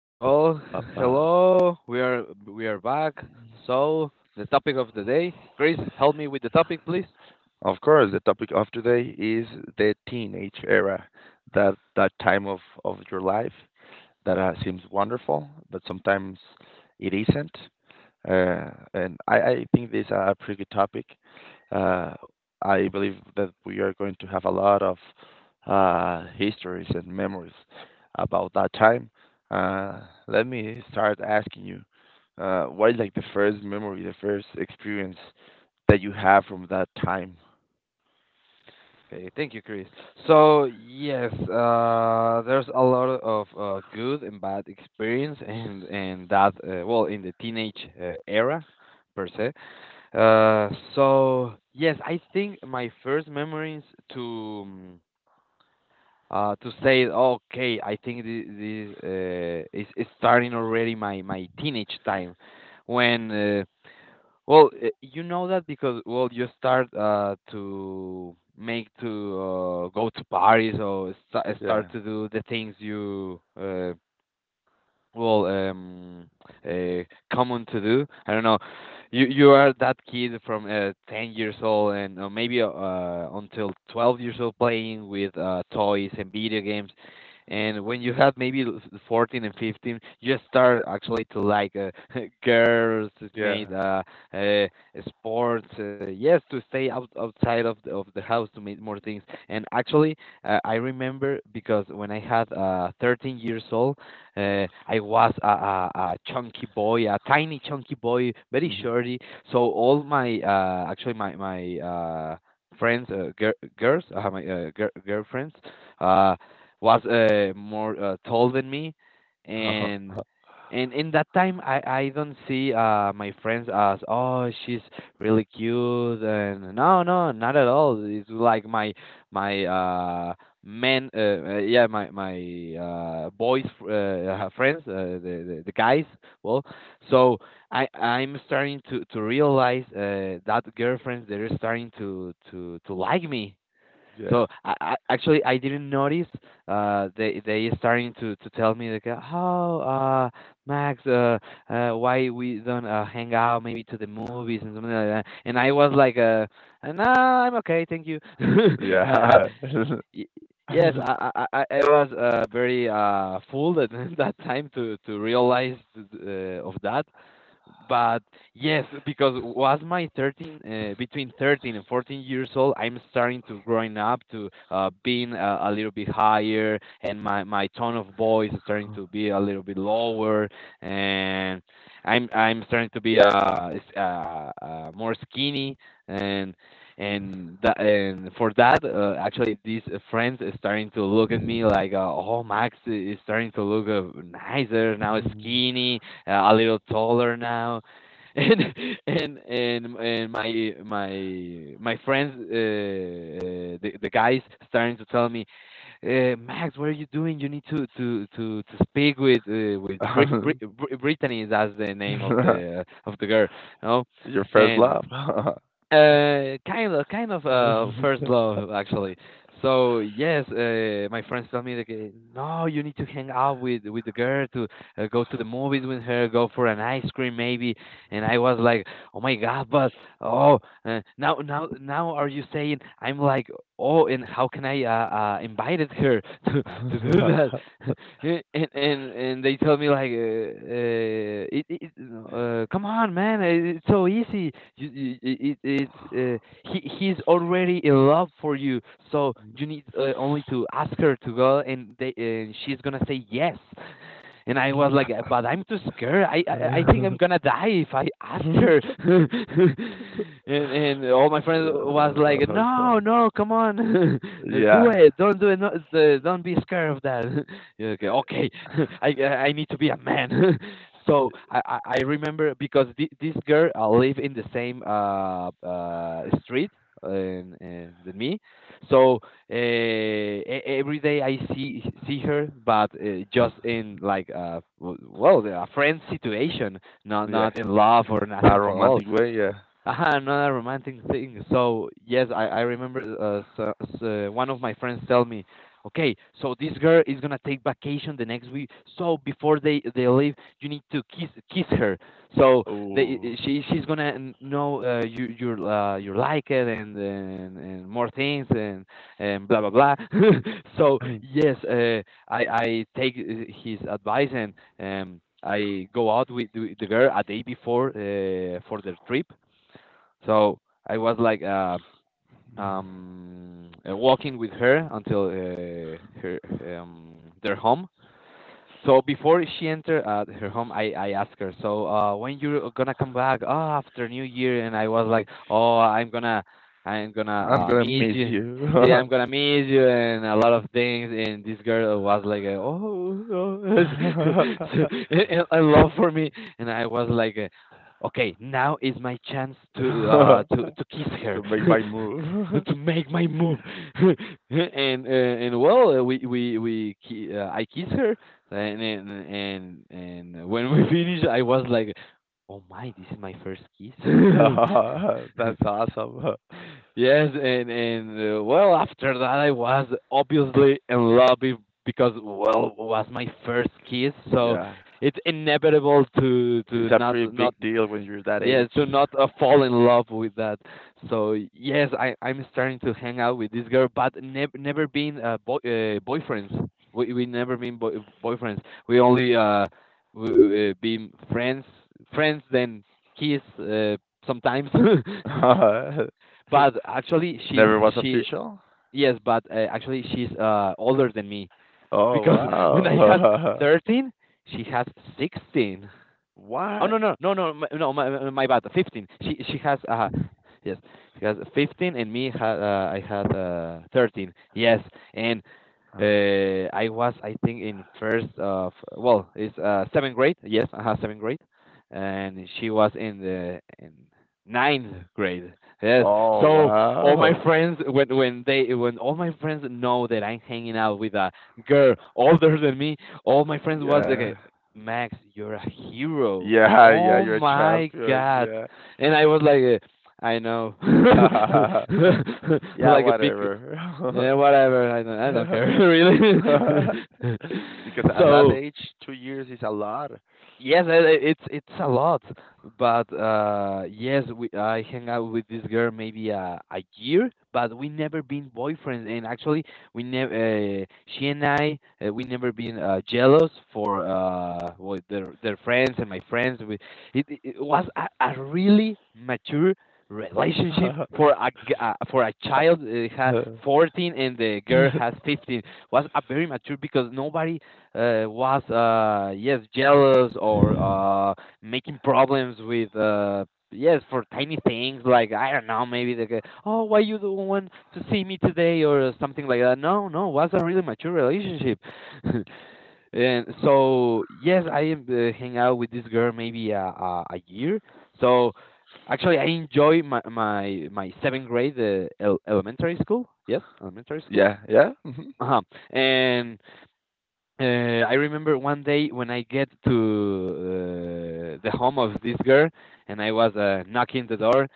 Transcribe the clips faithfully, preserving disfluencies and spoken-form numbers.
Ba, ba, Well, ba, ba. hello. We are we are back. So the topic of the day, Chris, help me with the topic, please. Of course, the topic of today is the teenage era, that that time of of your life that uh, seems wonderful, but sometimes it isn't. Uh, and I, I think this is a pretty good topic. Uh, I believe that we are going to have a lot of uh, histories and memories about that time. Uh, Let me start asking you, uh, what is like the first memory, the first experience that you have from that time. Okay, thank you, Chris. So yes, uh, there's a lot of uh, good and bad experience, and and that uh, well in the teenage uh, era, per se. Uh, so yes, I think my first memories to mm, uh, to say, okay, I think this, this uh, is, is starting already my, my teenage time when, uh, well, uh, you know that because, well, you start uh, to make to uh, go to parties or sta start Yeah, to do the things you uh, well um uh common to do, I don't know, you you are that kid from uh ten years old and uh, maybe uh until twelve years old playing with uh toys and video games. And when you have maybe l- fourteen and fifteen you start actually to like uh, girls, it's made yeah. uh, uh sports, uh, yes, to stay out, outside of the, of the house to make more things. And actually uh, I remember because when I had uh thirteen years old, uh, I was a, a, a chunky boy, a tiny chunky boy, very shorty. So all my uh, actually my my uh, friends, uh, gir girls, uh, my uh, gir girlfriends, uh, was uh, more uh, tall than me. And and in that time I I don't see uh my friends as, oh, she's really cute, and no, no, not at all. It's like my my uh men uh, uh, yeah my my uh boys uh uh, friends, uh, the, the the guys. Well, so i i'm starting to to realize uh that girlfriends they're starting to to to like me. Yeah, So i, I actually I didn't notice uh they they starting to to tell me like, uh, oh, uh Max, uh, uh why we don't uh, hang out maybe to the movies and something like that? And I was like, uh uh, no, I'm okay, thank you. I, yeah. Y- Yes, I, I, I I was uh, very uh, fooled at that time to to realize uh, of that. But yes, because was my thirteen, uh, between thirteen and fourteen years old, I'm starting to growing up to, uh, being a, a little bit higher, and my my tone of voice is starting to be a little bit lower. And I'm I'm starting to be uh, s- uh, uh more skinny. and and that and for that, uh, actually these, uh, friends are starting to look at me like, uh, oh, Max i- is starting to look uh, nicer now, skinny, uh, a little taller now. And and and and my my my friends, uh, uh, the, the guys starting to tell me, uh, Max, what are you doing? You need to to to to speak with, uh, with Brit- Brit- Brit- Brittany, that's the name of the of the girl. No. Your first And love. That's uh, kind of, kind of, uh, first love actually. So yes, uh, my friends tell me like, uh, no, you need to hang out with with the girl to, uh, go to the movies with her, go for an ice cream maybe. And I was like, "Oh my God!" But oh, uh, now, now now are you saying? I'm like, oh, and how can I, uh, uh invited her to to do how that? and and and they tell me like, uh, uh, it, it, uh, come on, man, it, it's so easy. You, you, it, it, it's uh, he he's already in love for you, so you need uh, only to ask her to go, and they and she's gonna say yes. And I was like, but I'm too scared. I I, I think I'm gonna die if I ask her. And and all my friends was like, it no, felt. no, come on. Do Yeah, it, don't do it, no, the, don't be scared of that. Yeah, okay, okay, I I need to be a man. So I I I remember because thi- this girl, uh, live in the same uh uh street, uh, and, and than me. So, uh, e- every day I see see her, but uh, just in like, uh, w- well, a friend situation, not yeah. not in love or A nothing for all. romantic way, yeah. Aha, another romantic thing. So yes, I I remember, uh, so, so one of my friends tell me, okay, so this girl is gonna take vacation the next week. So before they they leave, you need to kiss kiss her. So they Oh, she, she's gonna n- know, uh, you you uh, you like it, and, and and more things, and and blah blah blah. So I'm yes, uh, I I take, uh, his advice. And um. I go out with the the girl a day before, uh, for their trip. So I was like, uh, um, uh, walking with her until, uh, her um, their home. So before she entered, uh, her home, I, I asked her, so, uh, when you're gonna come back? Oh, after New Year. And I was like, oh, I'm gonna, I'm gonna, uh, gonna miss miss you. you. Yeah, I'm gonna miss you, and a lot of things. And this girl was like, uh, oh, oh. So, and, and love for me. And I was like, uh, okay, now is my chance to uh to to kiss her. To make my move. To make my move. And uh, and well, uh, we we we ki- uh, I kiss her. And and and and when we finished, I was like, "Oh my, this is my first kiss." That's awesome. Yes. And and uh, well, after that, I was obviously in love, be- because well, was my first kiss. So Yeah. it's inevitable to to It's a not pretty big not deal when you're that Yes, age. do not, uh, fall in love with that. So yes, I I'm starting to hang out with this girl, but never never been, uh, boy uh, boyfriends. We we never been boy boyfriends. We only uh we, uh, been friends, friends then kiss, uh, sometimes. But actually she's Never was she official? yes, but uh, actually she's uh older than me, Oh, because when I was wow. thirteen, she has sixteen. Oh, What? no, no, no, no, my, no, my my bad. Fifteen. She she has uh yes she has fifteen, and me had, uh, I had uh thirteen. Yes. And uh I was, I think in first of, well, it's uh seventh grade. Yes, I had seventh grade. And she was in the in ninth grade. Yes. Oh, So all my wow. friends, when when they when all my friends know that I'm hanging out with a girl older than me, all my friends was Yeah. like, Max, you're a hero. Yeah, yeah, Oh you're a my champion. God. Yeah. And I was like, uh, I know. Yeah, Like a big, whatever. yeah, whatever. I don't, I don't care, really. Because at that So, age, two years is a lot. yes, uh, uh, it's it's a lot. But uh yes, we I hang out with this girl maybe a a year, but we never been boyfriends. And actually we never, uh, she and I uh, we never been, uh, jealous for, uh well, their their friends and my friends. We, it it it was a, a really mature relationship for a g- uh, for a child, uh, had fourteen and the girl has fifteen, was a very mature because nobody, uh, was, uh, yes, jealous or, uh, making problems with, uh, yes, for tiny things like I don't know, maybe they go, oh, why you don't want to see me today or something like that? No, no, was a really mature relationship. And so yes, I uh, hang out with this girl maybe a, a, a year. So actually I enjoy my my my seventh grade, uh, el- elementary school, yes, elementary school. Yeah, yeah. Mhm. Uh-huh. And, uh, I remember one day when I get to, uh, the home of this girl, and I was, uh, knocking the door,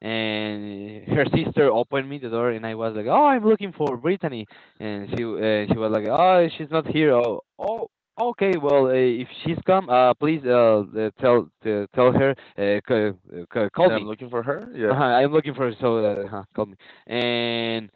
and her sister opened me the door, and I was like, "Oh, I'm looking for Brittany," and she uh, she was like, "Oh, she's not here." Oh, oh, okay. Well, uh, if she's come, uh, please uh, uh, tell uh, tell her, uh, c- uh, c- call That I'm me. looking for her? Uh-huh, Yeah. I'm looking for her, so, uh, uh, call me. And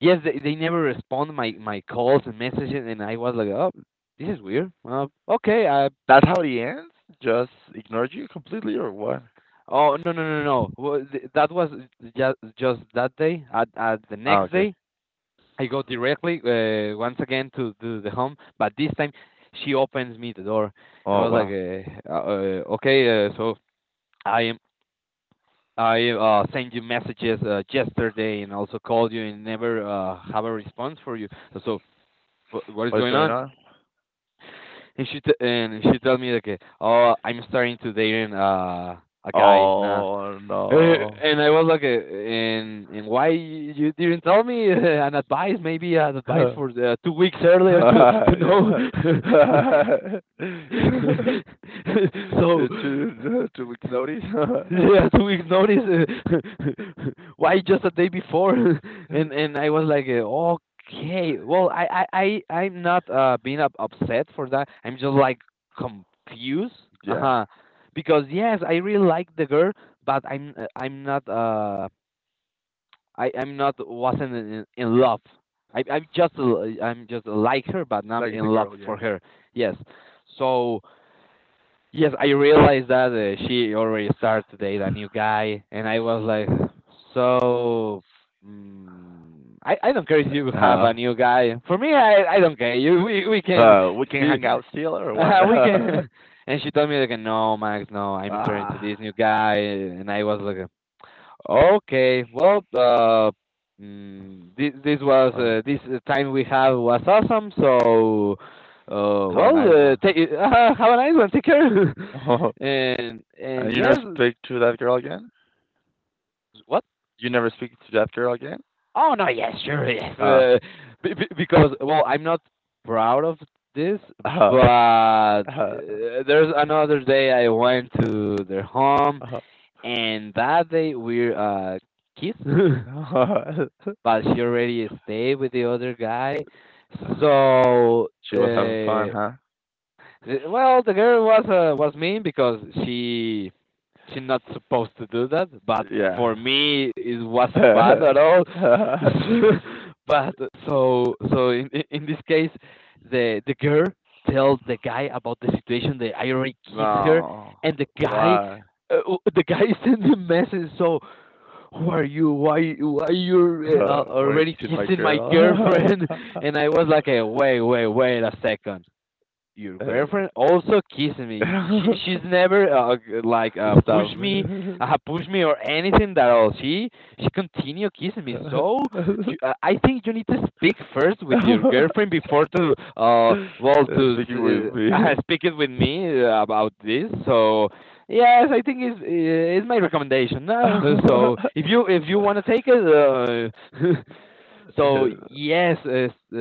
yes, they they never respond my my calls and messages, and I was like, "Oh, this is weird. Uh, okay, I." That's how Mm. it ends? Just ignored you completely or what? Oh, no, no, no, no! Well, th- that was just just that day. At, at the Ah, next okay. day, I go directly, uh, once again to, to the home, but this time she opens me the door. And I Oh, was like, wow. uh, uh, uh, "Okay, uh, so I am I uh, sent you messages, uh, yesterday and also called you and never, uh, have a response for you. So wh- what is What is going going on?" on? And she t- and she told me like, oh, I'm starting to dating uh, a guy now. Uh, Oh, no. And I was like, uh, and and why you didn't tell me uh, an advice? Maybe an advice for the two weeks earlier to to know. Yeah. so Uh, Two two weeks notice? Yeah, two weeks notice. uh, Why just a day before? and and I was like, uh, okay, well, I I I I'm not uh being up, upset for that. I'm just like confused. Uh Yeah. huh. Because yes, I really like the girl, but I'm uh, I'm not uh I I'm not wasn't in, in love. I I'm just l- I'm just like her, but not Like in the love girl, yeah. for her. Yes. So yes, I realized that uh, she already started to date a new guy, and I was like, so. Mm, I I don't care if you have Uh, a new guy. For me, I I don't care. You we we can uh, we can see hang out still or what? uh, we can. And she told me like, no, Max, no, I'm starting to this Ah, new guy, and I was like, okay, well, uh, mm, this this was uh, uh, this time we have was awesome, so. Uh, have a well, nice uh, one. take, uh, have a nice one. Take care. and and And you yes, never speak to that girl again? what? You never speak to that girl again? Oh no, yes, sure, yes. Uh, Uh, be- be- because well, I'm not proud of this, uh-huh. but uh, uh there's another day I went to their home, uh and that day we uh kissed, but she already stayed with the other guy, so She was having fun, uh, huh? the- well, the girl was uh, was mean because she she's not supposed to do that, but Yeah. for me it wasn't bad at all. but so so in in- this case, the the girl tells the guy about the situation. The I already kissed her, No. and the guy Why? uh, the guy sends a message. So who are you? Why why you Uh, uh, Why are you already kissing my kissing my girl? girlfriend? And I was like, eh, wait wait wait a second, your Uh, girlfriend also kissed me. She she's never uh, g- like uh, Stop pushed me, it. uh, pushed me or anything that all. She she continue kissing me. So you, uh, I think you need to speak first with your Uh, girlfriend before to uh well to Speaking with s- uh, me. speak it with me uh, about this. So yes, I think it's it's my recommendation. Uh, so Uh, if you if you want to take it, uh, so yes, uh, s- uh,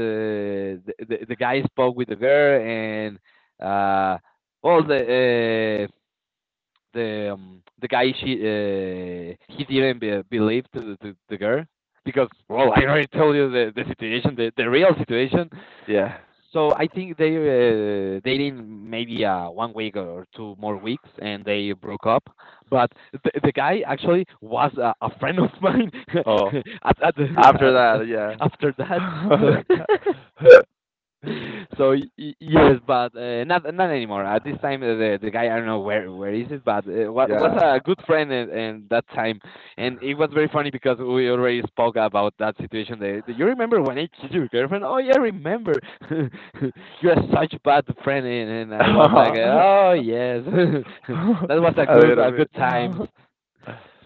the, the the guy spoke with the girl, and uh, well, the uh, the um, the guy she uh, he didn't be, believe to, the- to the girl because well, I already told you the, the situation, the, the real situation. Yeah. So I think they're uh, dating maybe uh, one week or two more weeks, and they broke up. But the, the guy actually was a, a friend of mine Oh, at, at after the that, yeah. after that. So so y- y- yes, but uh, not not anymore. At this Yeah. time, uh, the the guy I don't know where where is it, but uh, wa- was Yeah. a good friend and, and that time, and it was very funny because we already spoke about that situation. The, the, you remember when I kissed your girlfriend? Oh yeah, I remember. You are such bad friend, and, and I was like, oh A yes, that was a good little a bit. good times.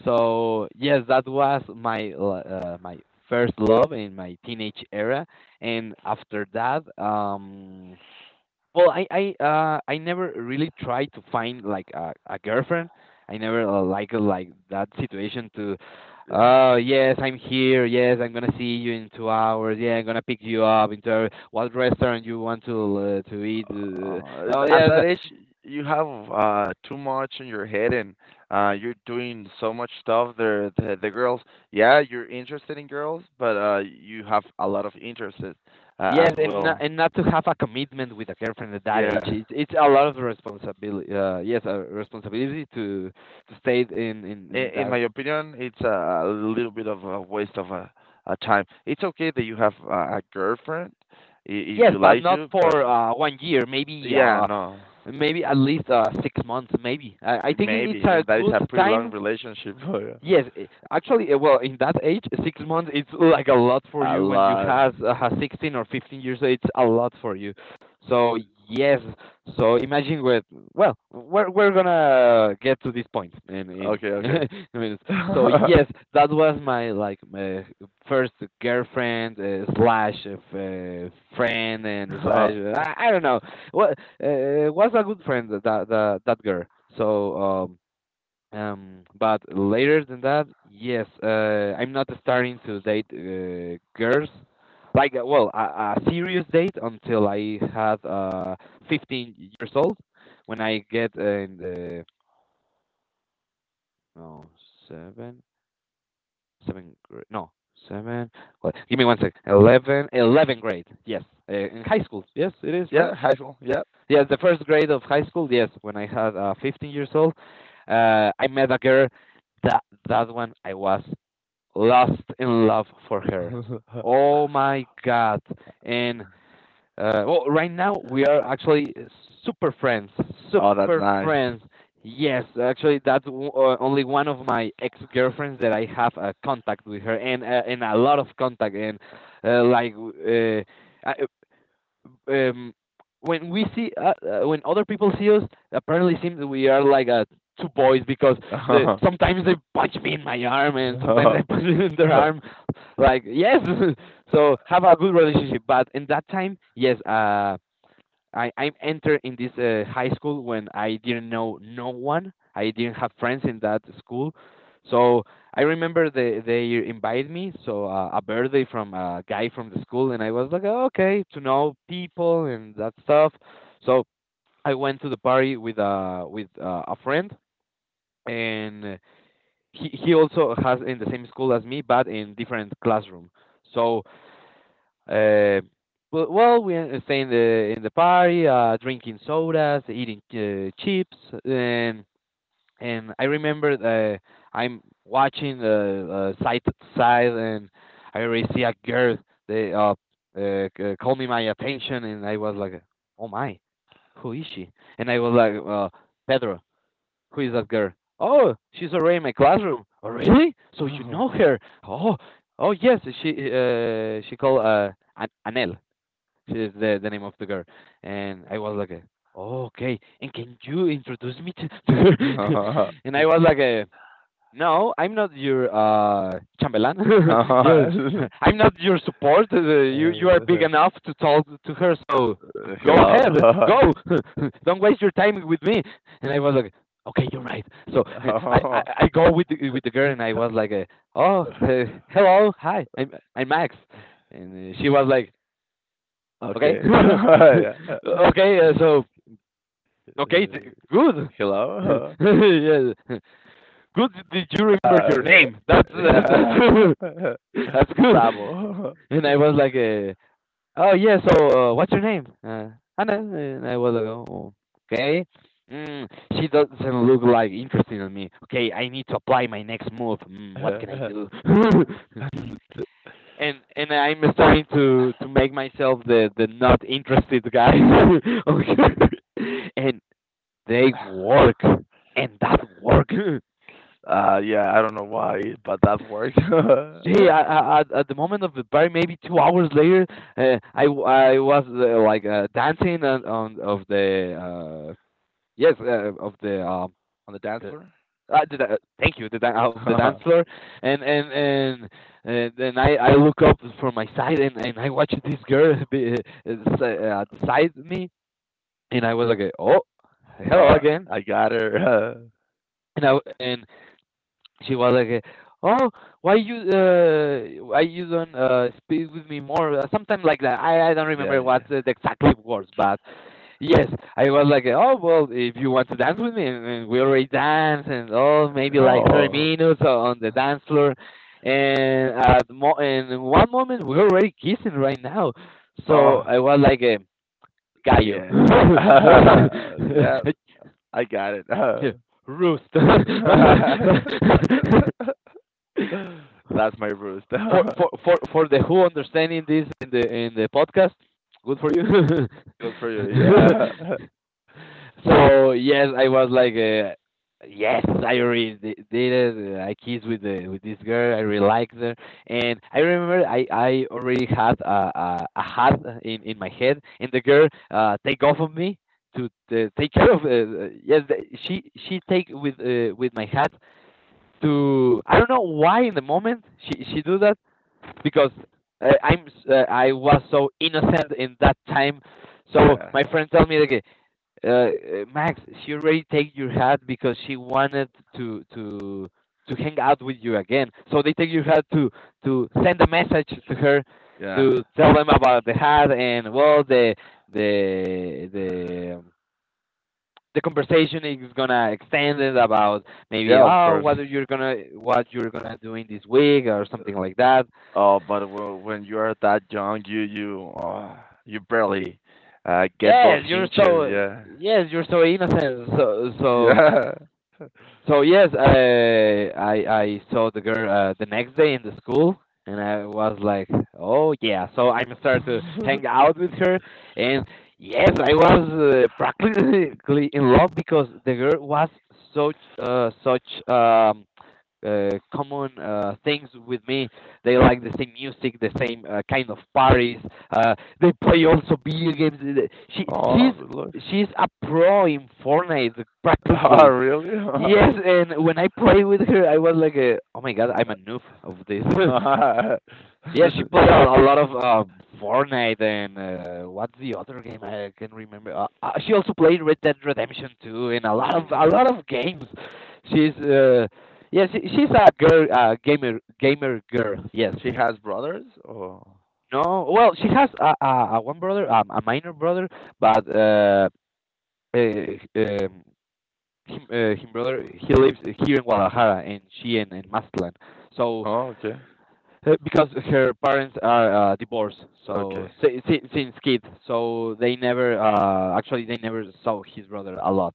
So yes, that was my l- uh, my first love in my teenage era, and after that, um, well, I I uh, I never really tried to find like a, a girlfriend. I never uh, like like that situation to, Yeah. oh yes, I'm here. Yes, I'm gonna see you in two hours. Yeah, I'm gonna pick you up into what restaurant you want to uh, to eat. Uh, Uh, oh At yes, that age, you have uh, too much in your head, and uh, you're doing so much stuff. The, the the girls, yeah, you're interested in girls, but uh, you have a lot of interests uh, as Yes, and not, well. and not to have a commitment with a girlfriend at that age, Yeah, it's it's a lot of responsibility. Uh, yes, a responsibility to to stay in, in in, in in my that. opinion, it's a, a little bit of a waste of a, a time. It's okay that you have a, a girlfriend i- if Yes, you but like not to, but for uh, one year. Maybe yeah, uh, no. maybe at least uh, six months. Maybe I, I think it's Maybe, a and that is good a pretty long time. relationship. But Yes, i- actually, uh, well, in that age, six months it's like a lot for a you. When you lot. has uh, has sixteen or fifteen years, so it's a lot for you. So yes, so imagine with well, we're we're gonna get to this point in in Okay, okay. a minute. So yes, that was my like my first girlfriend uh, slash uh, f- uh, friend and slash Uh, uh, I, I don't know what uh, was a good friend that that that girl. So um, um, but later than that, yes, uh, I'm not starting to date uh, girls, like uh, well, a, a serious date until I had uh fifteen years old, when I get uh, in the no seven seven grade no seven, well, give me one sec. Eleven, eleven grade, yes, uh, in high school, yes, it is right. yeah, high school. Yeah. Yes, the first grade of high school, yes, when I had uh fifteen years old, uh I met a girl that that one I was lost in love for her. Oh my God! And uh, well, right now we are actually super friends, Oh, that's super nice. friends. Yes, actually, that's w- uh, only one of my ex-girlfriends that I have uh, contact with her, and uh, and a lot of contact, and uh, like w- uh, I, um, when we see uh, uh, when other people see us, apparently seems we are like uh, two boys because the sometimes they punch me in my arm and sometimes I punch them in their arm. Like yes, so have a good relationship. But in that time, yes, uh, I I entered in this uh, high school when I didn't know no one. I didn't have friends in that school, so I remember they they invited me so uh, a birthday from a guy from the school, and I was like, "Oh, okay, to know people and that stuff." So I went to the party with uh with uh, a friend, and he he also has in the same school as me, but in different classroom. So uh, but, well, we uh, stay in the in the party, uh, drinking sodas, eating uh, chips, and and I remember uh, I'm watching the uh, side to side, and I already see a girl. They uh, uh c- called me my attention, and I was like, "Oh my, who is she?" And I was like, uh, "Pedro, who is that girl? Oh, she's already in my classroom. Oh, really? So you know her? Oh, oh yes. She uh, she called uh, An- Anel. She is the, the name of the girl." And I was like, uh, oh, okay. And can you introduce me to, to her? And I was like, uh, no, I'm not your uh chambellan. Yes, I'm not your support. Uh, You you are big Hello. enough to talk to her, so go ahead, go. Don't waste your time with me. And I was like, okay, you're right. So I I, I go with the, with the girl, and I was like, uh, oh, uh, hello, hi, I'm I'm Max, and uh, she was like, okay, Okay. Yeah. Uh, okay, uh, so okay, t- good. Hello. Yes, good, did you remember your Uh, name? That's that's that's yeah. good. That's good. Bravo. And I was like, uh, oh yeah, so uh, what's your name? Uh, Anna. And I was like, oh, okay. Mm, she doesn't look like interested in me. Okay, I need to apply my next move. Mm, what can I do? and and I'm starting to to make myself the the not interested guy. Okay. And they work, and that work. Uh, yeah, I don't know why, but that worked on Hey, I, I, at at the moment of the party, maybe two hours later, uh, I w- I was uh, like uh, dancing on, on of the uh, yes uh, of the um the dance the, floor. uh, the, da- thank you, the da- of the dance floor, and and and and then I I look up from my side and and I watch this girl be, uh, s- uh, beside me, and I was like, oh, hello Uh, again, I got her. and I w- and she was like, "Oh, why you uh, why you don't uh, speak with me more?" Uh, something like that. Uh, I I don't Yeah. remember what's the exact words, but yes, I was like, "Oh well, if you want to dance with me." and, and we already dance, and oh maybe like thirty Oh, minutes o- on the dance floor, and at mo- and in one moment we're already kissing right now. So oh, I was like, uh, "Gallo." yeah. Yeah, I got it. Roost. That's my roost. for Good for for for the who understanding this in the in the podcast, good for you. for you. Yeah. so yes i was like, uh, yes i already di- did it. I kissed with the with this girl. I really liked her. And I remember i i already had a a, a hat in in my head, and the girl uh take off of me to uh, take care of uh, uh, yes the, she she take with uh, with my hat. To I don't know why in the moment she she do that, because uh, I'm uh, I was so innocent in that time. So Yeah. my friend told me like, uh, uh, Max, she already take your hat because she wanted to to to hang out with you again. So they take your hat to to send a message to her, Yeah. to tell them about the hat. And well, the the the the conversation is gonna extend it about, maybe, Yeah, of oh course. what are you gonna what you're gonna do in this week or something like that. Oh, but w- when you are that young, you you uh, you barely uh, get those Yes, you're hinges. so, Yeah, yes, you're so innocent, so so yeah. so yes, I I I saw the girl uh, the next day in the school, and I was like, oh yeah. So I started to hang out with her, and yes, I was uh, practically in love, because the girl was such, uh, such um, uh, common uh, things with me. They like the same music, the same uh, kind of parties. Uh, they play also video games. She Oh, look. she's she's a pro in Fortnite Oh, practically. really? Yes, and when I played with her, I was like, uh, "Oh my god, I'm a noob of this." Yeah, she played a, a lot of uh, Fortnite, and uh, what's the other game I can remember? Uh, uh, she also played Red Dead Redemption two, and a lot of Ooh, a wow. lot of games. She's uh, yeah, she, she's a girl, uh, gamer, gamer girl. Yes. She has brothers? Oh, No, well, she has a, a, a one brother, um, a minor brother, but uh, uh, um, him, uh, him brother, he lives here in Guadalajara, and she in, in Mazatlan. So oh, okay, uh, because her parents are uh, divorced, so okay. si- si- since kids, so they never uh, actually they never saw his brother a lot.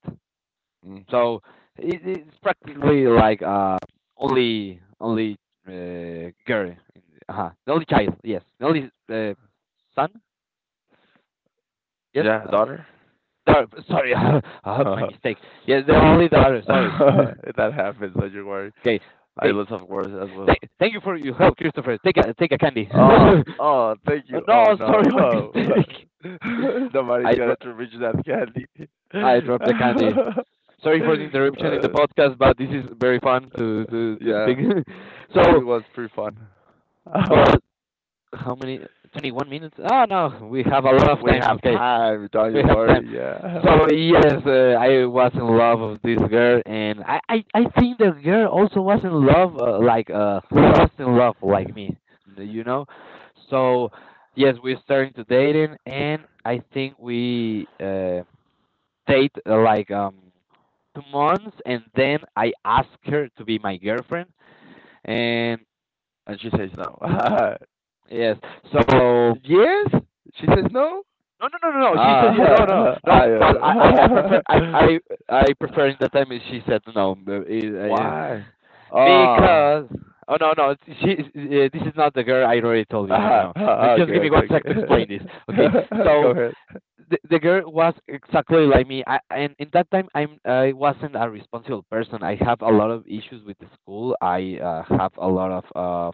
Mm. So it, it's practically like uh, only only uh, girl, in, uh, the only child, yes, the only uh, son, yes. Yeah, Uh, daughter. sorry, sorry, uh, my mistake. Yes, the only daughter. Sorry. That happens. Don't you worry. Okay, I okay. lose of words as Thank, well. thank you for your help, Christopher. Take a take a candy. Oh, oh, thank Oh, you. no, Oh sorry, my no, oh. mistake. Nobody's I dro- gonna to reach that candy. I dropped the candy. Sorry for the interruption in the Uh, podcast, but this is very fun to to, to yeah, speak. So, it was pretty fun. but how many? Twenty-one minutes? Oh no, we have a lot of We time. have Okay, time, don't we you have time. worry. Yeah, So yes, uh, I was in love with this girl, and I, I, I think the girl also was in love, uh, like uh, lost in love, like me, you know. So yes, we started to dating, and I think we uh, date uh, like um two months, and then I asked her to be my girlfriend, and and she says no. yes, so Yes, she says no. no, no, no, no, no. She said yeah, no, no, Ah. no. I, But I, I, I prefer, uh, I, I, I prefer in the time she said no, uh, uh, Why? Ah, because. Oh no, no. it's- She, uh, this is not the girl I already told you. No, no, okay, no. Just give me one okay, sec to okay. explain this. Okay, Go so ahead. the, the girl was exactly like me. I, and in that time, I'm, I wasn't a responsible person. I have a lot of issues with the school. I uh, have a lot of,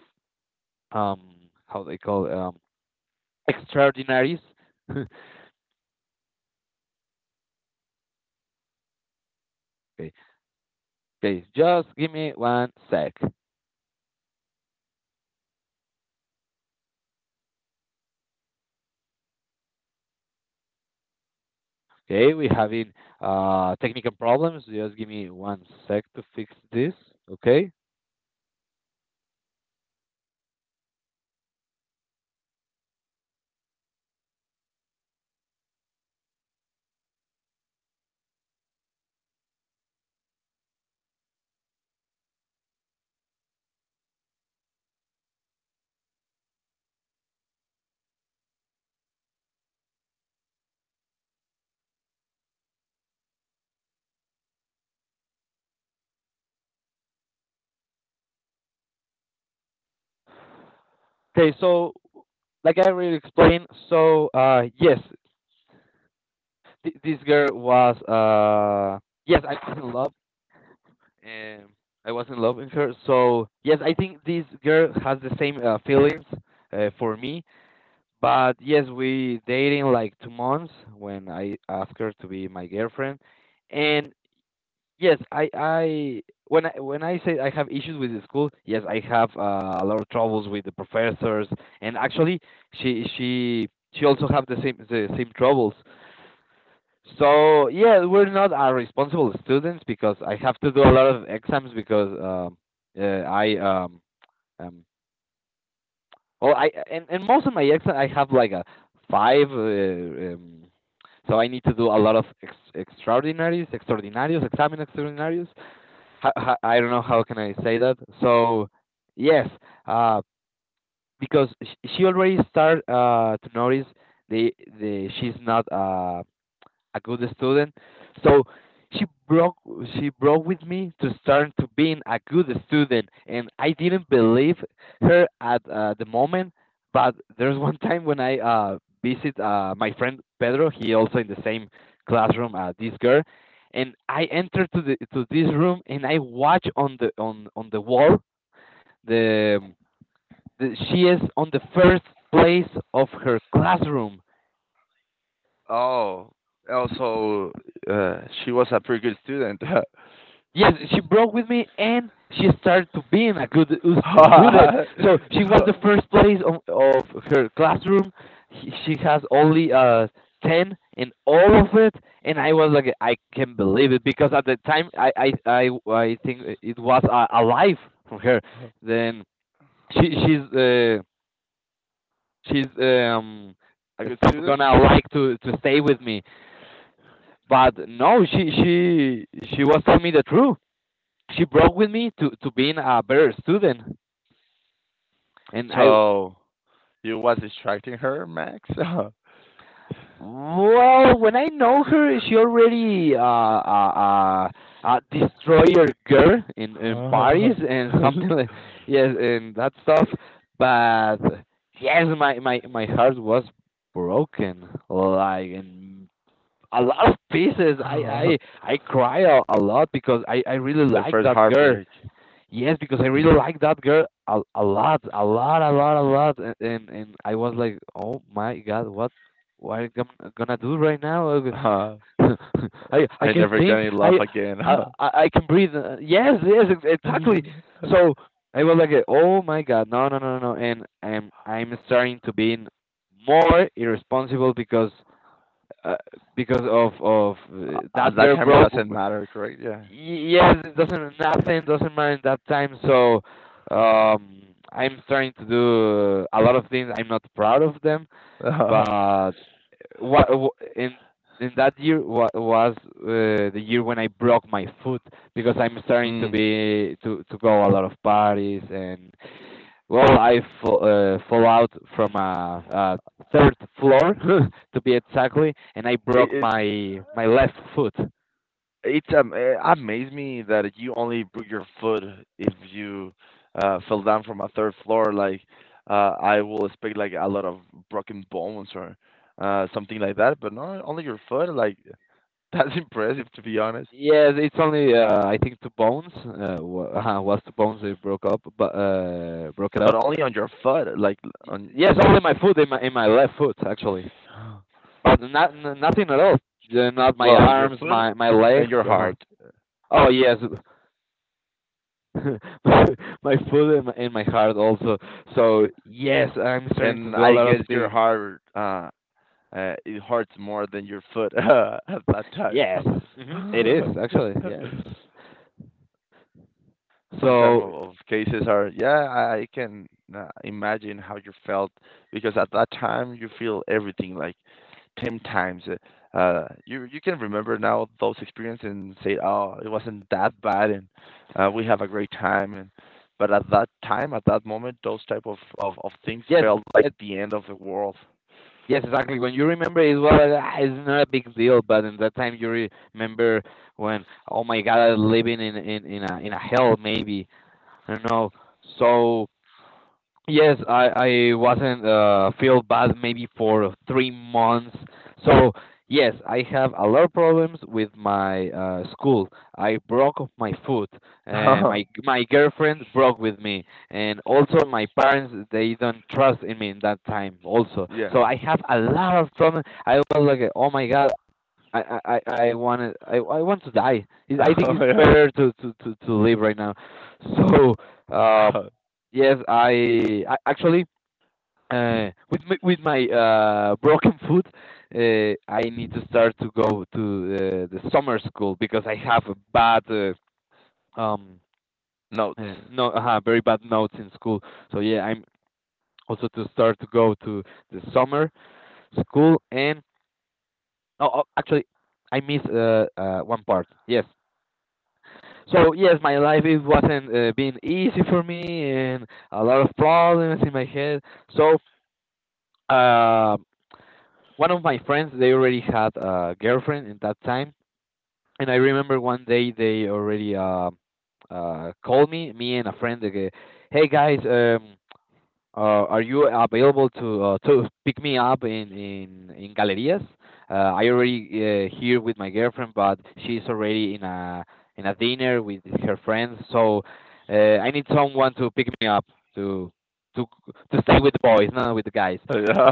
uh, um, how they call um, extraordinaries. Okay. Okay, just give me one sec. Okay, we're having uh, technical problems. Just give me one sec to fix this. Okay. Okay, so like I already explained, so uh, yes, th- this girl was uh, yes, I was in love. Um, I was in love with her. So yes, I think this girl has the same uh, feelings uh, for me. But yes, we dating like two months when I asked her to be my girlfriend, and yes, I I when I when I say I have issues with the school, yes, I have uh, a lot of troubles with the professors, and actually, she she she also have the same the same troubles. So yeah, we're not our responsible students, because I have to do a lot of exams, because um uh, I um um well I, and, and most of my exams I have like a five, uh, um so I need to do a lot of ex- extraordinaries, extraordinarios, examen extraordinarios, ho- ho- I don't know how can I say that. So yes, uh, because sh- she already start uh, to notice the the she's not uh, a good student. So she broke she broke with me to start to being a good student, and I didn't believe her at uh, the moment. But there's one time when I uh, visit uh, my friend Pedro. He also in the same classroom. Uh, this girl, and I entered to the to this room, and I watch on the on on the wall the, the she is on the first place of her classroom. Yes, she broke with me, and she started to being a good us- student. So she was the first place of, of her classroom. She, she has only uh ten in all of it, and I was like, I can't believe it, because at the time I I I, I think it was a, a life from her. Then she she's uh, she's um stop gonna like to to stay with me. But no, she she she was telling me the truth. She broke with me to to being a better student, and I, well when I know her, she already uh uh, uh uh destroyer girl in in Paris, and something like, yes, and that stuff. But yes, my my my heart was broken like in a lot of pieces. I i i cry a, a lot, because i i really like that girl. Yes, because I really like that girl a, a lot, a lot, a lot, a lot, and, and and I was like, oh my god, what, what am I gonna gonna do right now? I I can think, I I I I can breathe. uh, Yes, yes, ex- exactly. So I was like, oh my god, no, no, no, no, no, and I'm I'm starting to be more irresponsible, because uh, because of of uh, that girl broke. Yes, it doesn't, nothing doesn't mind that time. So um, I'm starting to do a lot of things I'm not proud of them, but what in in that year wa- was uh, the year when I broke my foot, because I'm starting to be to to go a lot of parties, and well I fall, uh, fall out from a, a third floor to be exactly, and I broke my my left foot. Yes, it's only uh, I think two bones. Uh, wa- uh, was two bones they broke up, but uh, broke it up. Y- Yes, only my foot in my in my left foot, actually, but not n- nothing at all. Yeah, not my arms, my my legs. Uh-huh. Oh yes, my foot, and my, and my heart also. So yes, I'm starting to do a lot of things. Yes, hmm, it is actually yes. So yes, yes, exactly. When you remember it, well, ah, it's not a big deal. But in that time, you re- remember when, oh my God, I'm living in in in a in a hell maybe. I don't know. So yes, I I wasn't uh feel bad maybe for three months. So yes, I have a lot of problems with my uh school. I broke off my foot. Uh, my my girlfriend broke with me, and also my parents they don't trust in me in that time also. So I have a lot of trauma. I was like, oh my god, I I I want I I want to die. It- I think it's better to to to to live right now. So um, yes, I, I actually uh with my, with my uh broken foot, uh, I need to start to go to uh, the summer school, because I have a bad, uh, um uh, no uh, very bad notes in school. So yeah, I'm also to start to go to the summer school, and oh, oh actually I miss uh, uh one part. Yes, so yes, my life it wasn't uh, being easy for me, and a lot of problems in my head. So uh, one of my friends, they already had a girlfriend in that time, and I remember one day they already uh, uh, called me, me and a friend. They go, hey guys, um, uh, are you available to uh, to pick me up in in in Galerías? Uh, I already uh, here with my girlfriend, but she's already in a in a dinner with her friends. So uh, I need someone to pick me up to to to stay with the boys, not with the guys.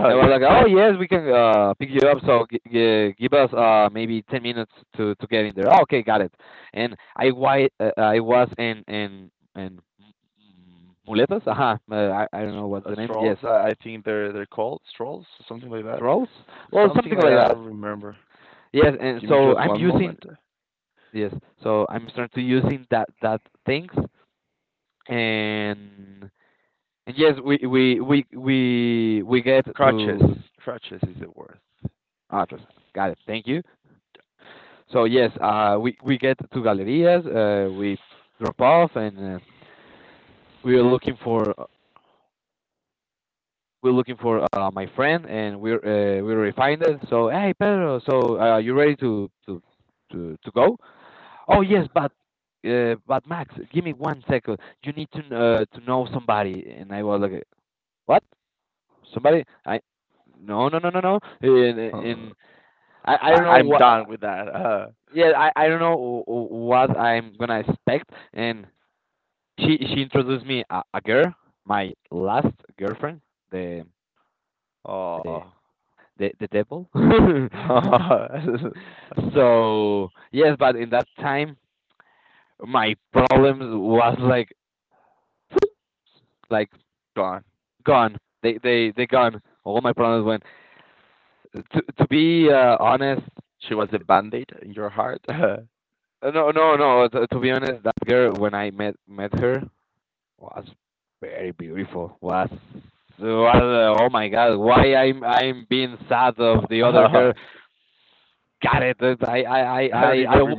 And we're like, oh yes, we can uh, pick you up. So g- g- give us uh, maybe ten minutes to to get in there. "Oh, okay, got it. And I why uh, I was in in in Mm, Muletas? Aha, uh, I, I don't know what's the name. Yes, trolls? Well, something like that. Yes, and so I'm using yes, so I'm starting to using that that things and and yes, we we we we we get to address. Got it. Thank you. So yes, uh, we we get to galerias. Uh, we drop off and uh, we are looking for we're looking for uh, my friend, and we're uh, we already find it. So hey, Pedro, so uh, you ready to to to to go? Oh yes, but uh, but Max, give me one second. You need to uh, to know somebody, and I was like, what? Somebody? I, no no no no no. And, and I I don't know what. Yeah, I, I don't know wh- what I'm gonna expect. And she she introduced me a, a girl, my last girlfriend, the the the the devil. So yes, but in that time, my problems was like like gone. They they they gone. All my problems went. To to be uh, honest, uh, no no no. To, to be honest, that girl when I met met her was very beautiful. Was was, uh, oh my god, why I'm I'm being sad of the other girl? Got it. I I I I I,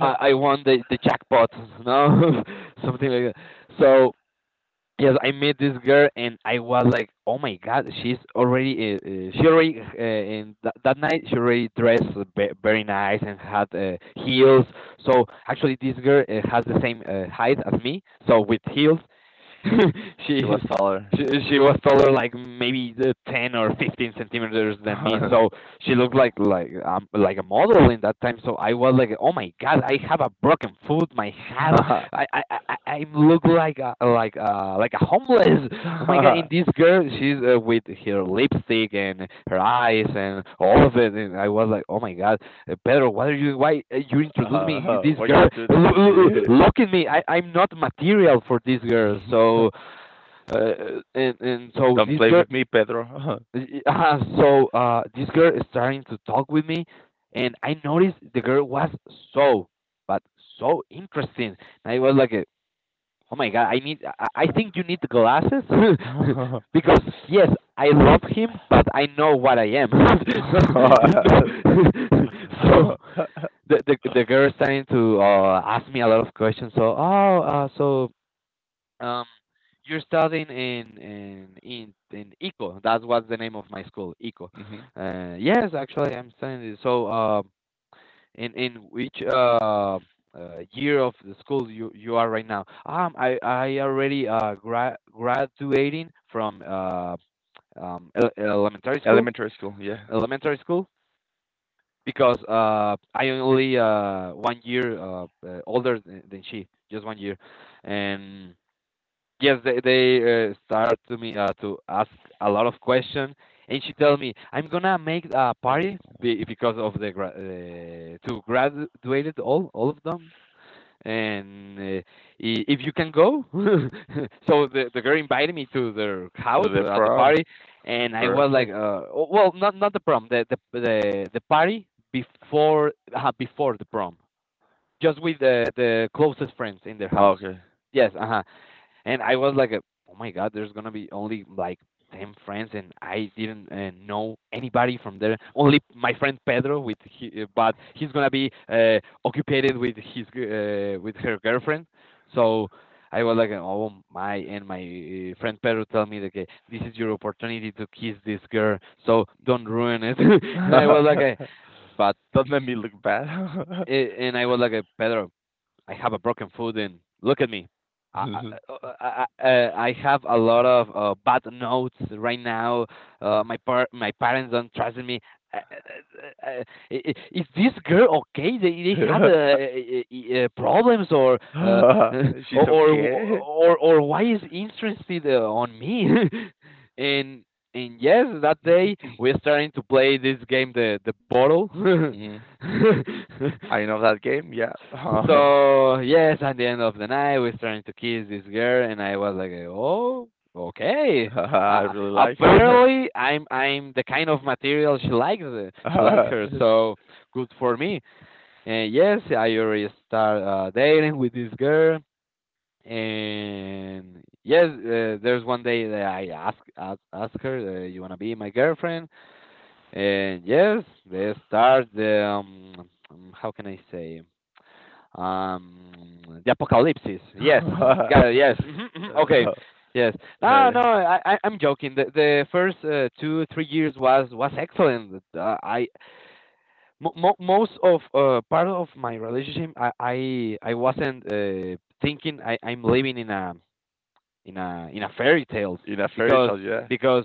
I, I won the the jackpot, no, something like that. So yes, I met this girl and I was like, oh my god, she's already uh, uh, she already uh, in that that night she already dressed ve- very nice and had uh, heels. So actually, this girl uh, has the same uh, height as me, so with heels. she, she she was taller like maybe the ten or fifteen centimeters than me so she looked like like um, like a model in that time. So I was like, oh my god, I have a broken foot, my hand, I I I, I look like a like a like a homeless. Oh my god, in this girl, she's uh, with her lipstick and her eyes and all of it, and I was like, oh my god, uh, Pedro, why are you why uh, you introduce me this girl? Look, look, look at me, I I'm not material for this girl. So uh, and and so this girl Y- Uh, so uh, this girl is starting to talk with me, and I noticed the girl was so, but so interesting. And I was like, uh, "Oh my god, I need. I, I think you need the glasses because yes, I love him, but I know what I am. you know. so the, the the girl starting to uh, ask me a lot of questions. So oh, uh, so. Um, you're studying in in in in Eco. That's what's the name of my school, Eco. Uh, yes, actually, I'm studying. It. So, um, in in which uh, uh year of the school you you are right now? Um, I I already uh gra- graduating from uh um ele- elementary school, elementary school because uh I only uh one year uh uh, older than, than she, just one year, and Yes, they they uh, start to me uh, to ask a lot of questions, and she tell me I'm gonna make a party be because of the gra- uh, to graduated all all of them, and uh, I- if you can go, so the the girl invited me to their house uh, at the party, and I was like, uh, oh, well, not not the prom, the the the, the party before uh, before the prom, just with the the closest friends in their house. Yes, uh and I was like, oh my god, there's gonna be only like ten friends, and I didn't uh, know anybody from there. Only my friend Pedro, with he, uh, but he's gonna be uh, occupied with his g- uh, with her girlfriend. So I was like, oh my, and my uh, friend Pedro tell me that okay, this is your opportunity to kiss this girl, so don't ruin it. and I was like, uh, but. Eh, And I was like, uh, Pedro, I have a broken foot, and look at me. I I, uh, uh, I, uh, I have a lot of uh, bad notes right now. Uh, my par- my parents don't trust me. Uh, uh, uh, Is this girl okay? They they have uh, uh, uh, problems or uh, or or or or why is interested uh, on me? and and yes, that day we're starting to play this game, the the bottle. So yes, at the end of the night, we started to kiss this girl, and I was like, oh, okay. Uh, uh, apparently, I'm I'm the kind of material she likes. Uh, She likes her, so good for me. And yes, I already start uh, dating with this girl. And yes, uh, there's one day that I ask ask, ask her, uh, you wanna be my girlfriend? And yes, they start the um, um, how can I say? Um the apocalypses yes got it, yes mhm, mhm, okay yes no no I I- I'm joking the the first uh, two three years was was excellent uh, I mo- mo- most of uh, part of my relationship I I, I wasn't uh, thinking I I'm living in a in a in a fairy tales because because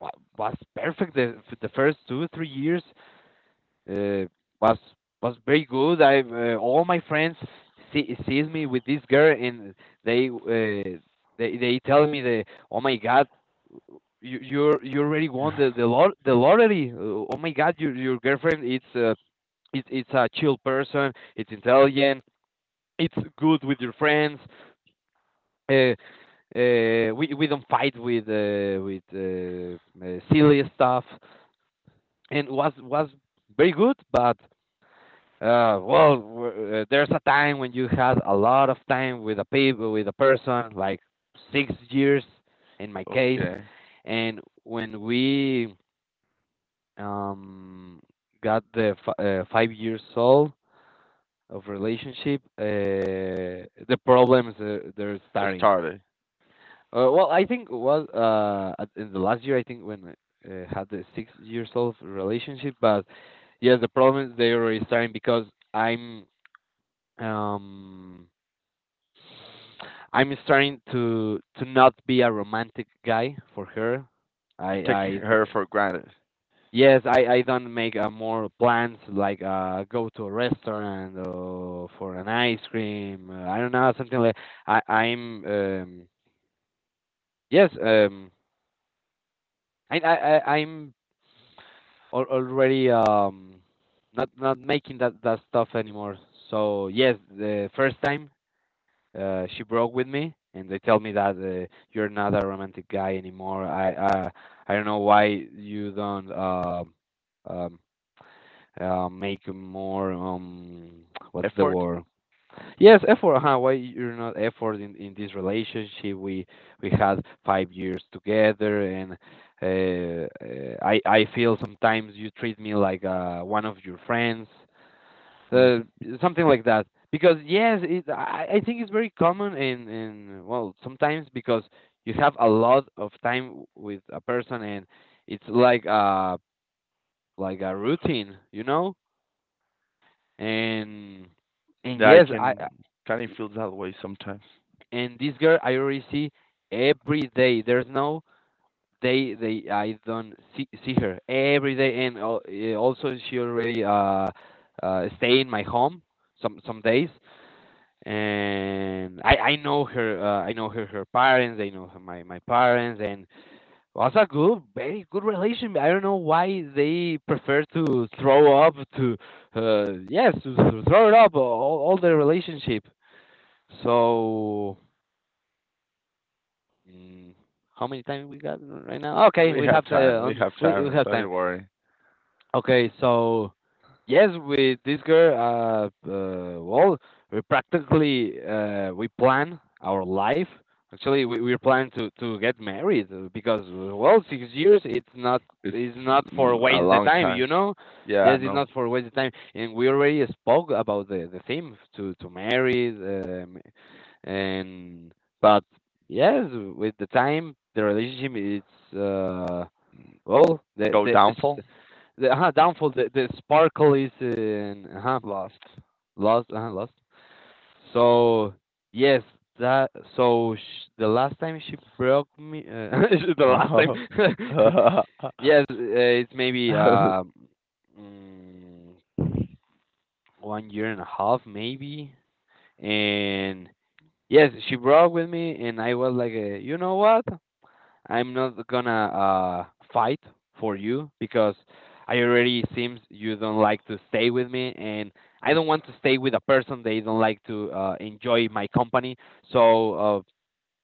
wa- was perfect the the first two three years uh, was was very good. I uh, all my friends see sees me with this girl, and they uh, they they tell me the oh my god, you you're you already won the the lot the lottery. Uh, Oh my god, your your girlfriend it's uh it's it's a chill person. It's intelligent. It's good with your friends. Uh, uh, we we don't fight with uh, with uh, uh, silly stuff, and was was very good, but Uh, well, w- uh, there's a time when you had a lot of time with a people, with a person, like six years in my case, and when we um, got the f- uh, five years old of relationship, uh, the problems uh, they're starting. Uh, well, I think was uh, at- in the last year, I think when I uh, had the six years old relationship, but yes, the problems they already starting because I'm, Um, I'm starting to to not be a romantic guy for her. I I d- yes, I I don't make uh, more plans like uh go to a restaurant or for an ice cream. Uh, I don't know, something like I I'm um yes um I I, I I'm al already um not not making that that stuff anymore. So yes, the first time uh, she broke with me and they tell me that uh, you're not a romantic guy anymore. I i i don't know why you don't um um uh, make more um what's the word — yes, effort. Huh, why you're not effort in in this relationship? We we had five years together, and uh, uh, i i feel sometimes you treat me like uh one of your friends, uh, something like that. Because yes, it, I, I think it's very common in in well sometimes because you have a lot of time with a person and it's like a like a routine, you know. And and yes, I I- and this girl I already see every day. There's no day they I don't see see her every day. And al- eh, also she already uh, uh stay in my home some some days and I I know her, uh, I know her her parents, I know her, my my parents, and was a good very good relation. I don't know why they prefer to throw up to uh yes to, to throw it up all, all their relationship. So mm, how many time we got right now? Okay, we have the on we, we have time. Okay, so yes, with this girl, uh, uh well, we practically uh we plan our life. Actually, we we plan to to get married uh, because uh, well, six years, it's not it's not for waste the time, you know. Yes, it's not for waste the time, and we already spoke about the the theme to to marry, um, and but yes, with the time, the relationship it's uh well the the the, uh-huh, downfall. The, the sparkle is in. Uh huh. Lost. Uh huh. Lost. So yes, that. So sh- the last time she broke me. Uh, the last time. Yes, uh, it's maybe um mm, one year and a half, maybe. And yes, she broke with me, and I was like, uh, you know what? I'm not gonna uh fight for you because I already seems you don't like to stay with me and I don't want to stay with a person they don't like to uh enjoy my company. So uh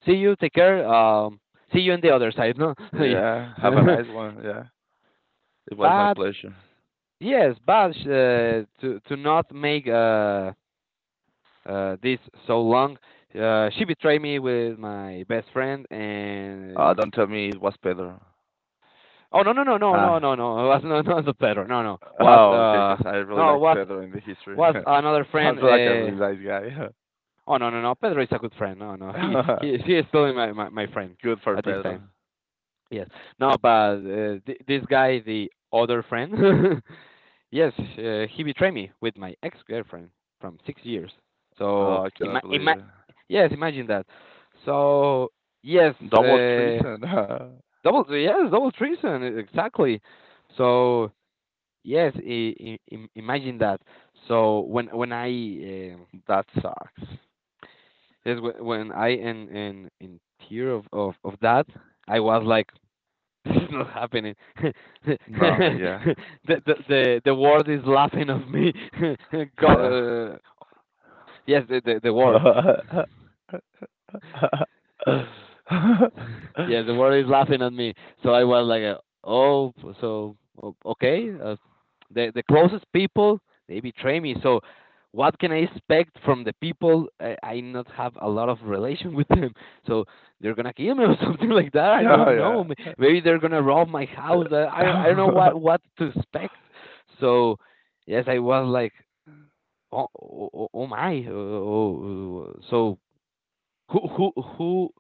see you, take care. Um see you on the other side, no? But yes, but uh, to to not make uh uh this so long, uh, she betrayed me with my best friend and oh no no no no no no no. It was not not Pedro. No no. Was uh no was was another friend. Uh, oh no no no. Pedro is a good friend. No no. He he he is still my my, my friend at this time. Yes. No, but uh, th- this guy, the other friend. Yes, uh, he betrayed me with my ex girlfriend from six years. So ima- ima- yes, imagine that. So yes, uh, double yes double treason exactly. So yes, i- i- im- imagine that. So when when I um yes wh- when I in in in tear of of of that, I was like, this is not happening. the the the the world is laughing of me. God, uh, yes, the the, the world. Yeah, the world is laughing at me. So I was like, uh, oh, so o- okay. Uh, the the closest people they betray me. So what can I expect from the people? I, I not have a lot of relation with them. So they're gonna kill me or something like that. I don't know. May- Maybe they're gonna rob my house. Uh, I I don't know what what to expect. So yes, I was like, oh oh, oh oh my. Oh, oh, oh, so who who who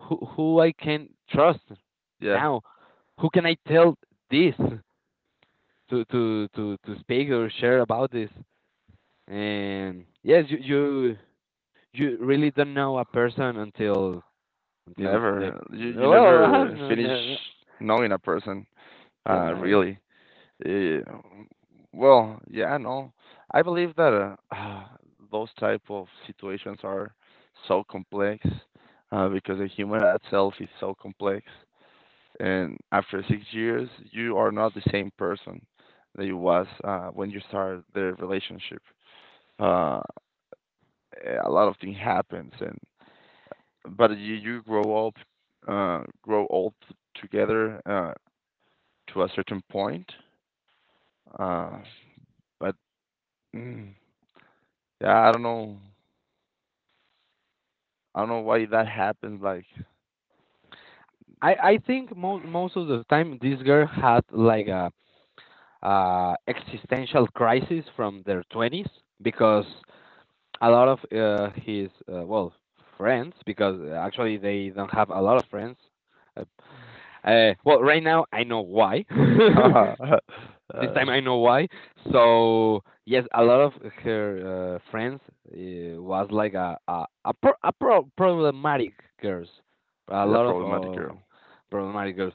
who who I can trust now? Who can I tell this to to to to speak or share about this? And yes, you you you really don't know a person until until the well, I don't know, ne- yes, never. I I think most most of the time this girl had like a uh existential crisis from their twenties because a lot of uh, his uh, well friends because uh, actually they don't have a lot of friends. Uh, uh, well, right now I know why. This time I know why. So yes, a lot of her uh, friends uh, was like a a a, pro, a pro, problematic girls, a lot of, of problematic girls.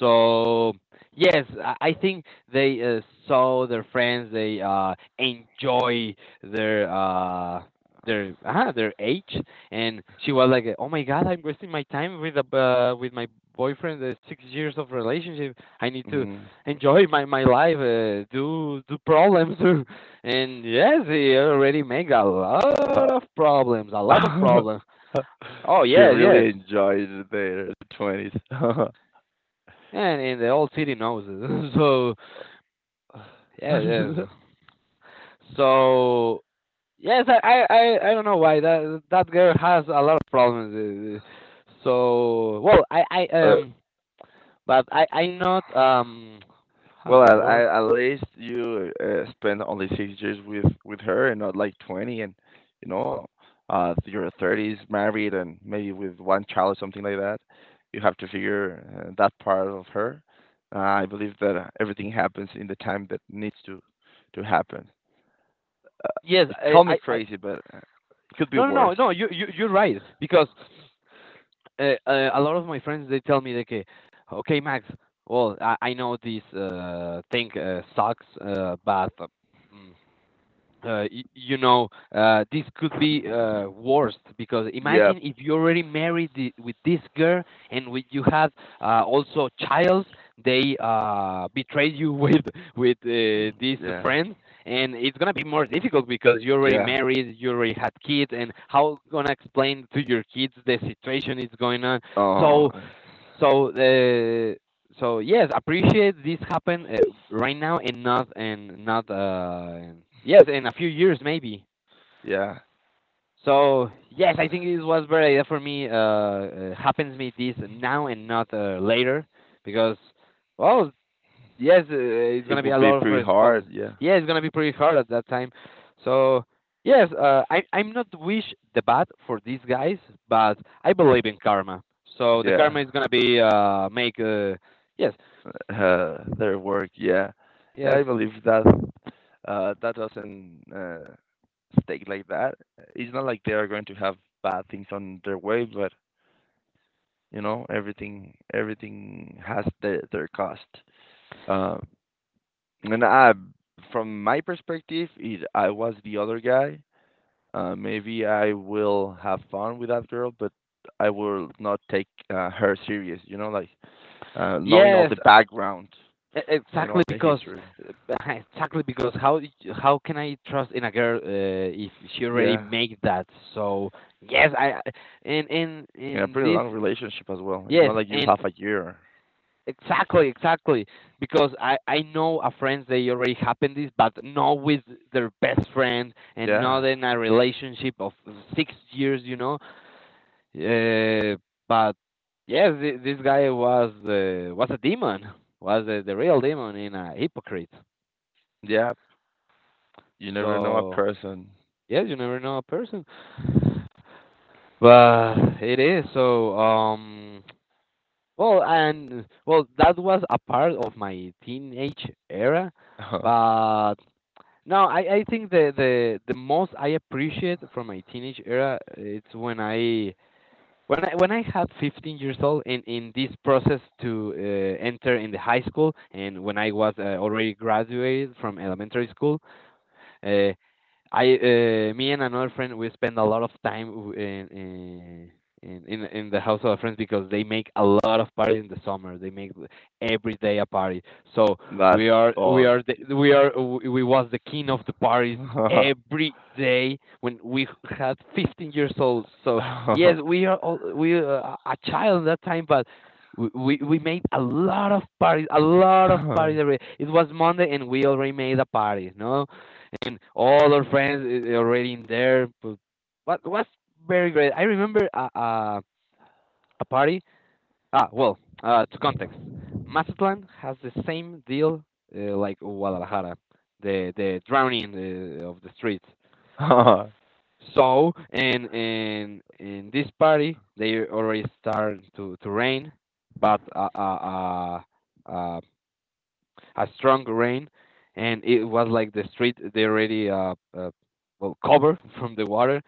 So yes, I, I think they uh, saw their friends. They uh, enjoy their. Uh, their uh, their age and she was like oh my god, I'm wasting my time with a uh, with my boyfriend, uh, six years of relationship. I need to enjoy my my life, uh, do do problems, and yes, he already make a lot of problems, a lot of problems. Oh yes, yes, and and the whole city knows it. So yes, yes. So yes, I I I I don't know why that that girl has a lot of problems. uh, So well, I I um, but I I not um, how's the word? Yes, I I, I no no no no, you you you're right because uh, uh, a lot of my friends they tell me like okay, okay Max, well, i, I know this uh, thing uh, sucks uh, but um, uh, y- you know, uh, this could be uh, worse because imagine if you already married the, with this girl and with you have uh, also child, they uh, betray you with with uh, this friend, and it's gonna be more difficult because you already married, you already had kids, and how gonna explain to your kids the situation is going on? So so uh, so yes, appreciate this happen uh, right now and not and not uh yes in a few years maybe. So yes, I think this was very idea for me. Uh, uh, happens me this now and not uh, later because well, yes, uh, it's gonna be a lot of response. Yeah, it's gonna be pretty hard at that time. So yes, uh, I I'm not wish the bad for these guys, but I believe in karma. So the karma is gonna be uh make uh yes, yes, yes, e- exactly because exactly because how how can I trust in a girl uh, if she already make that? So yes, I I- in in in this yes and. Exactly, exactly. Because I I know a friends they already happened this, but not with their best friend and not in a relationship of six years, you know. Uh, but yes, thi- this guy was uh, was a demon, was uh, the real demon in a hypocrite. So yes, you never know a person, but it is so. Um, well, and well, that was a part of my teenage era, but no, I, I think the, the the most I appreciate from my teenage era uh, it's when I when I when I had fifteen years old and in this process to uh, enter in the high school and when I was uh, already graduated from elementary school, uh, I, uh, me and another friend, we spend a lot of time w- in in in in in the house of our friends because they make a lot of parties in the summer. They make every day a party. So we are we are the, we are w- we was the king of the parties every day when we had fifteen years old. So yes, we are all, we uh, a child that time, but. We, we we made a lot of parties, a lot of parties. every- It was Monday and we already made a party, no? And all our friends is already in there. But what was very great. I remember a a, a party. Ah, well, uh, to context, Mazatlan has the same deal uh, like Guadalajara, the the drowning uh, of the streets. So and and in this party, they already start to to rain, but a a, a, a a strong rain, and it was like the street they already uh, uh well covered from the water.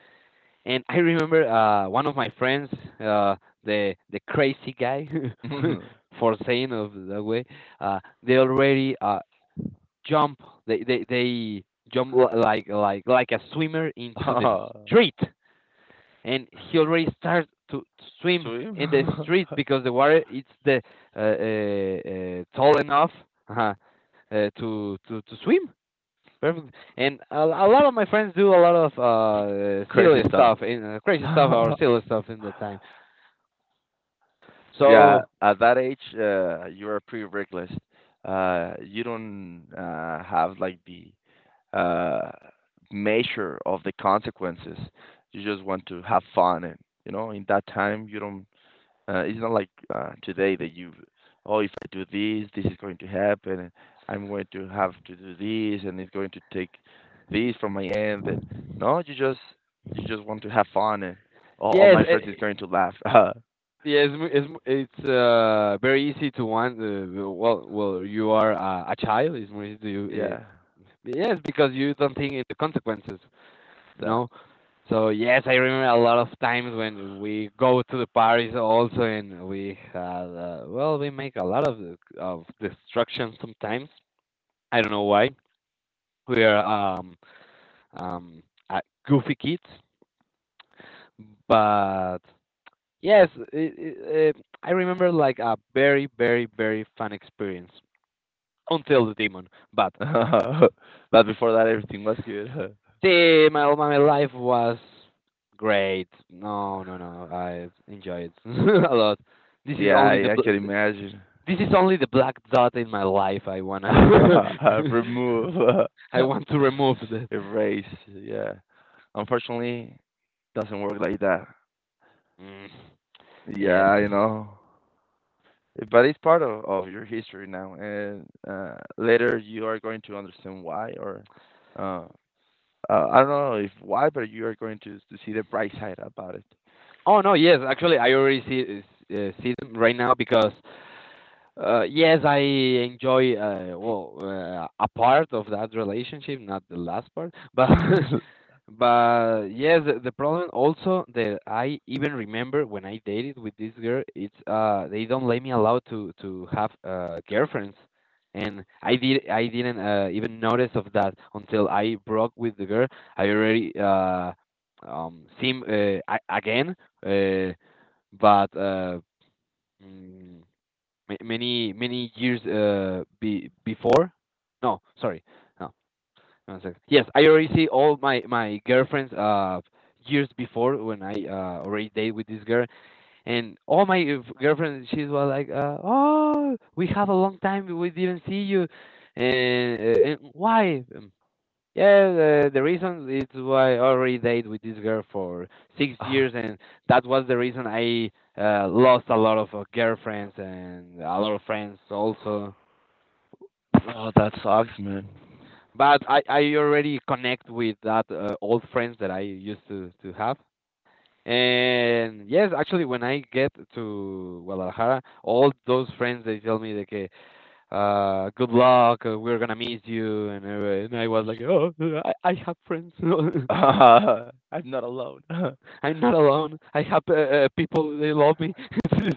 And I remember uh one of my friends, uh the the crazy guy, for saying of that way, uh they already uh jump, they they they jump li- like like like a swimmer into the street and he already starts to swim in the street because the water it's the uh, uh, uh, tall enough uh, uh, to to to swim perfect. And a, a lot of my friends do a lot of uh, silly stuff and uh, crazy stuff or silly stuff in the time. So yes, it, yes, it's it's uh, very easy to want. Uh, well, well, you are uh, a child. It's more easy to you. Uh, yes, because you don't think in the consequences you know. So yes, I remember a lot of times when we go to the parties also, and we had uh, well, we make a lot of of destruction sometimes. I don't know why. We are um um uh, goofy kids, but yes, it, it, it, I remember like a very very very fun experience until the demon. But see, my my life was great. No, no, no. I enjoy it a lot. This is only the bl- this is only the black dot in my life. I wanna I want to remove that. Mm, yes. Oh no, yes. Actually, I already see uh, see them right now because Uh, yes, I enjoy uh, well uh, a part of that relationship, not the last part, but but yes, the the problem also that I even remember when I dated with this girl, it's uh they don't let me allow to to have uh girlfriends, and I did I didn't uh, even notice of that until I broke with the girl. I already uh um seen uh, a- again uh but uh. mm, ma- many many years uh be, before. No sorry, no, one sec. Yes, I already see all my my girlfriends uh years before when I uh already date with this girl and all my f- girlfriends she's was like uh, oh we have a long time we didn't see you and, uh, and why. Um, yeah, the, the reason is why I already dated with this girl for six years, and that was the reason I uh, lost a lot of uh, girlfriends and a lot of friends also. But I, I already connect with that uh, old friends that I used to, to have. And yes, actually, when I get to Guadalajara, all those friends they tell me like, uh, good luck, uh, we're gonna miss you, and, uh, and I was like, oh, I, I have friends. I'm not alone. I have uh, uh, people. They love me.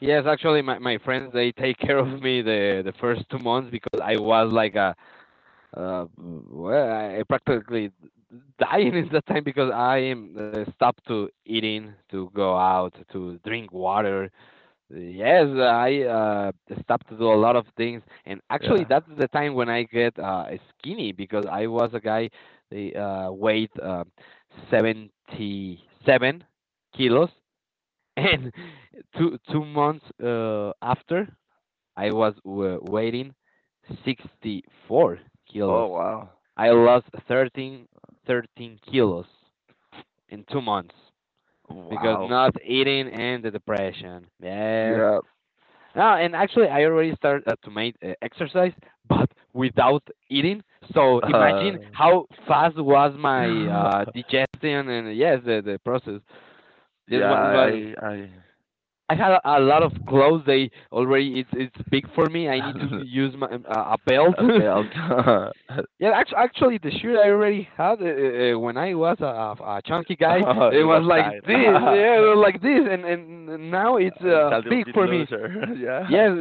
Yes, actually, my my friends they take care of me the the first two months because I was like a uh, well, I practically dying in that time because I am uh, stopped to eating, to go out, to drink water. Yes, I uh, stopped to do a lot of things, and actually, that's the time when I get uh, skinny because I was a guy, the uh, weight uh, seventy-seven kilos, and two two months uh, after, I was w weighing sixty-four kilos. I lost thirteen thirteen kilos in two months because not eating and the depression. Yes. Ah, and actually, I already started uh, to make uh, exercise, but without eating. So imagine how fast was my uh, digestion and uh, yes, the, the process. This was, was I had a, a lot of clothes. They already it's it's big for me. I need to use my um, uh, a belt. Yeah, actually, actually, the shirt I already had uh, uh, uh, when I was a, a a chunky guy, it was like this, yeah, it was like this, and and now it's uh, big for me. Yes,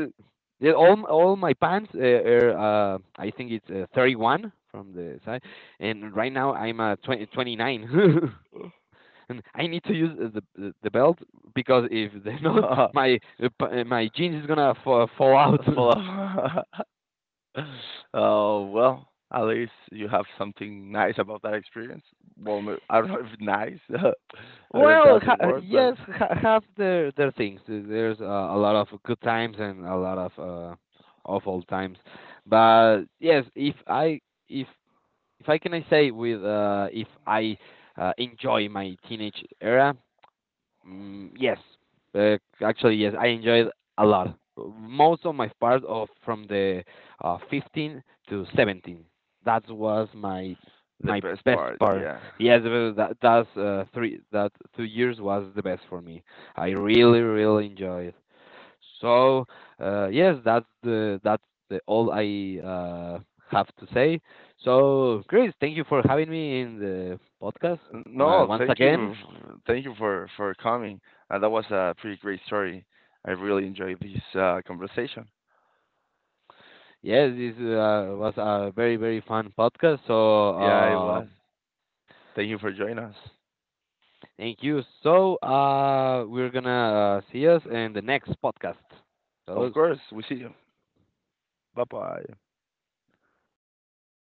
yeah, all all my pants uh, are uh, I think it's uh, thirty-one from the side, and right now I'm uh, twenty twenty nine. And I need to use uh, the the the belt because if they are not, my uh, p- uh, my jeans is gonna fa- fall out. Well, ha uh, yes, ha have their their things. Uh, There's uh, a lot of good times and a lot of uh, awful times. But yes, if I if if I can I say with uh, if I uh, enjoy my teenage era, mm, yes, uh, actually yes, I enjoyed a lot. Most of my part of from the uh, fifteen to seventeen. That was my my best part. Yes, uh, that that's uh, three that two years was the best for me. I really really enjoyed. So uh, yes, that's the that's the all I uh, have to say. So Chris, thank you for having me in the podcast uh, once again. Yes, this uh, was a very very fun podcast. So um, thank you. So uh, we're gonna uh, see us in the next podcast. So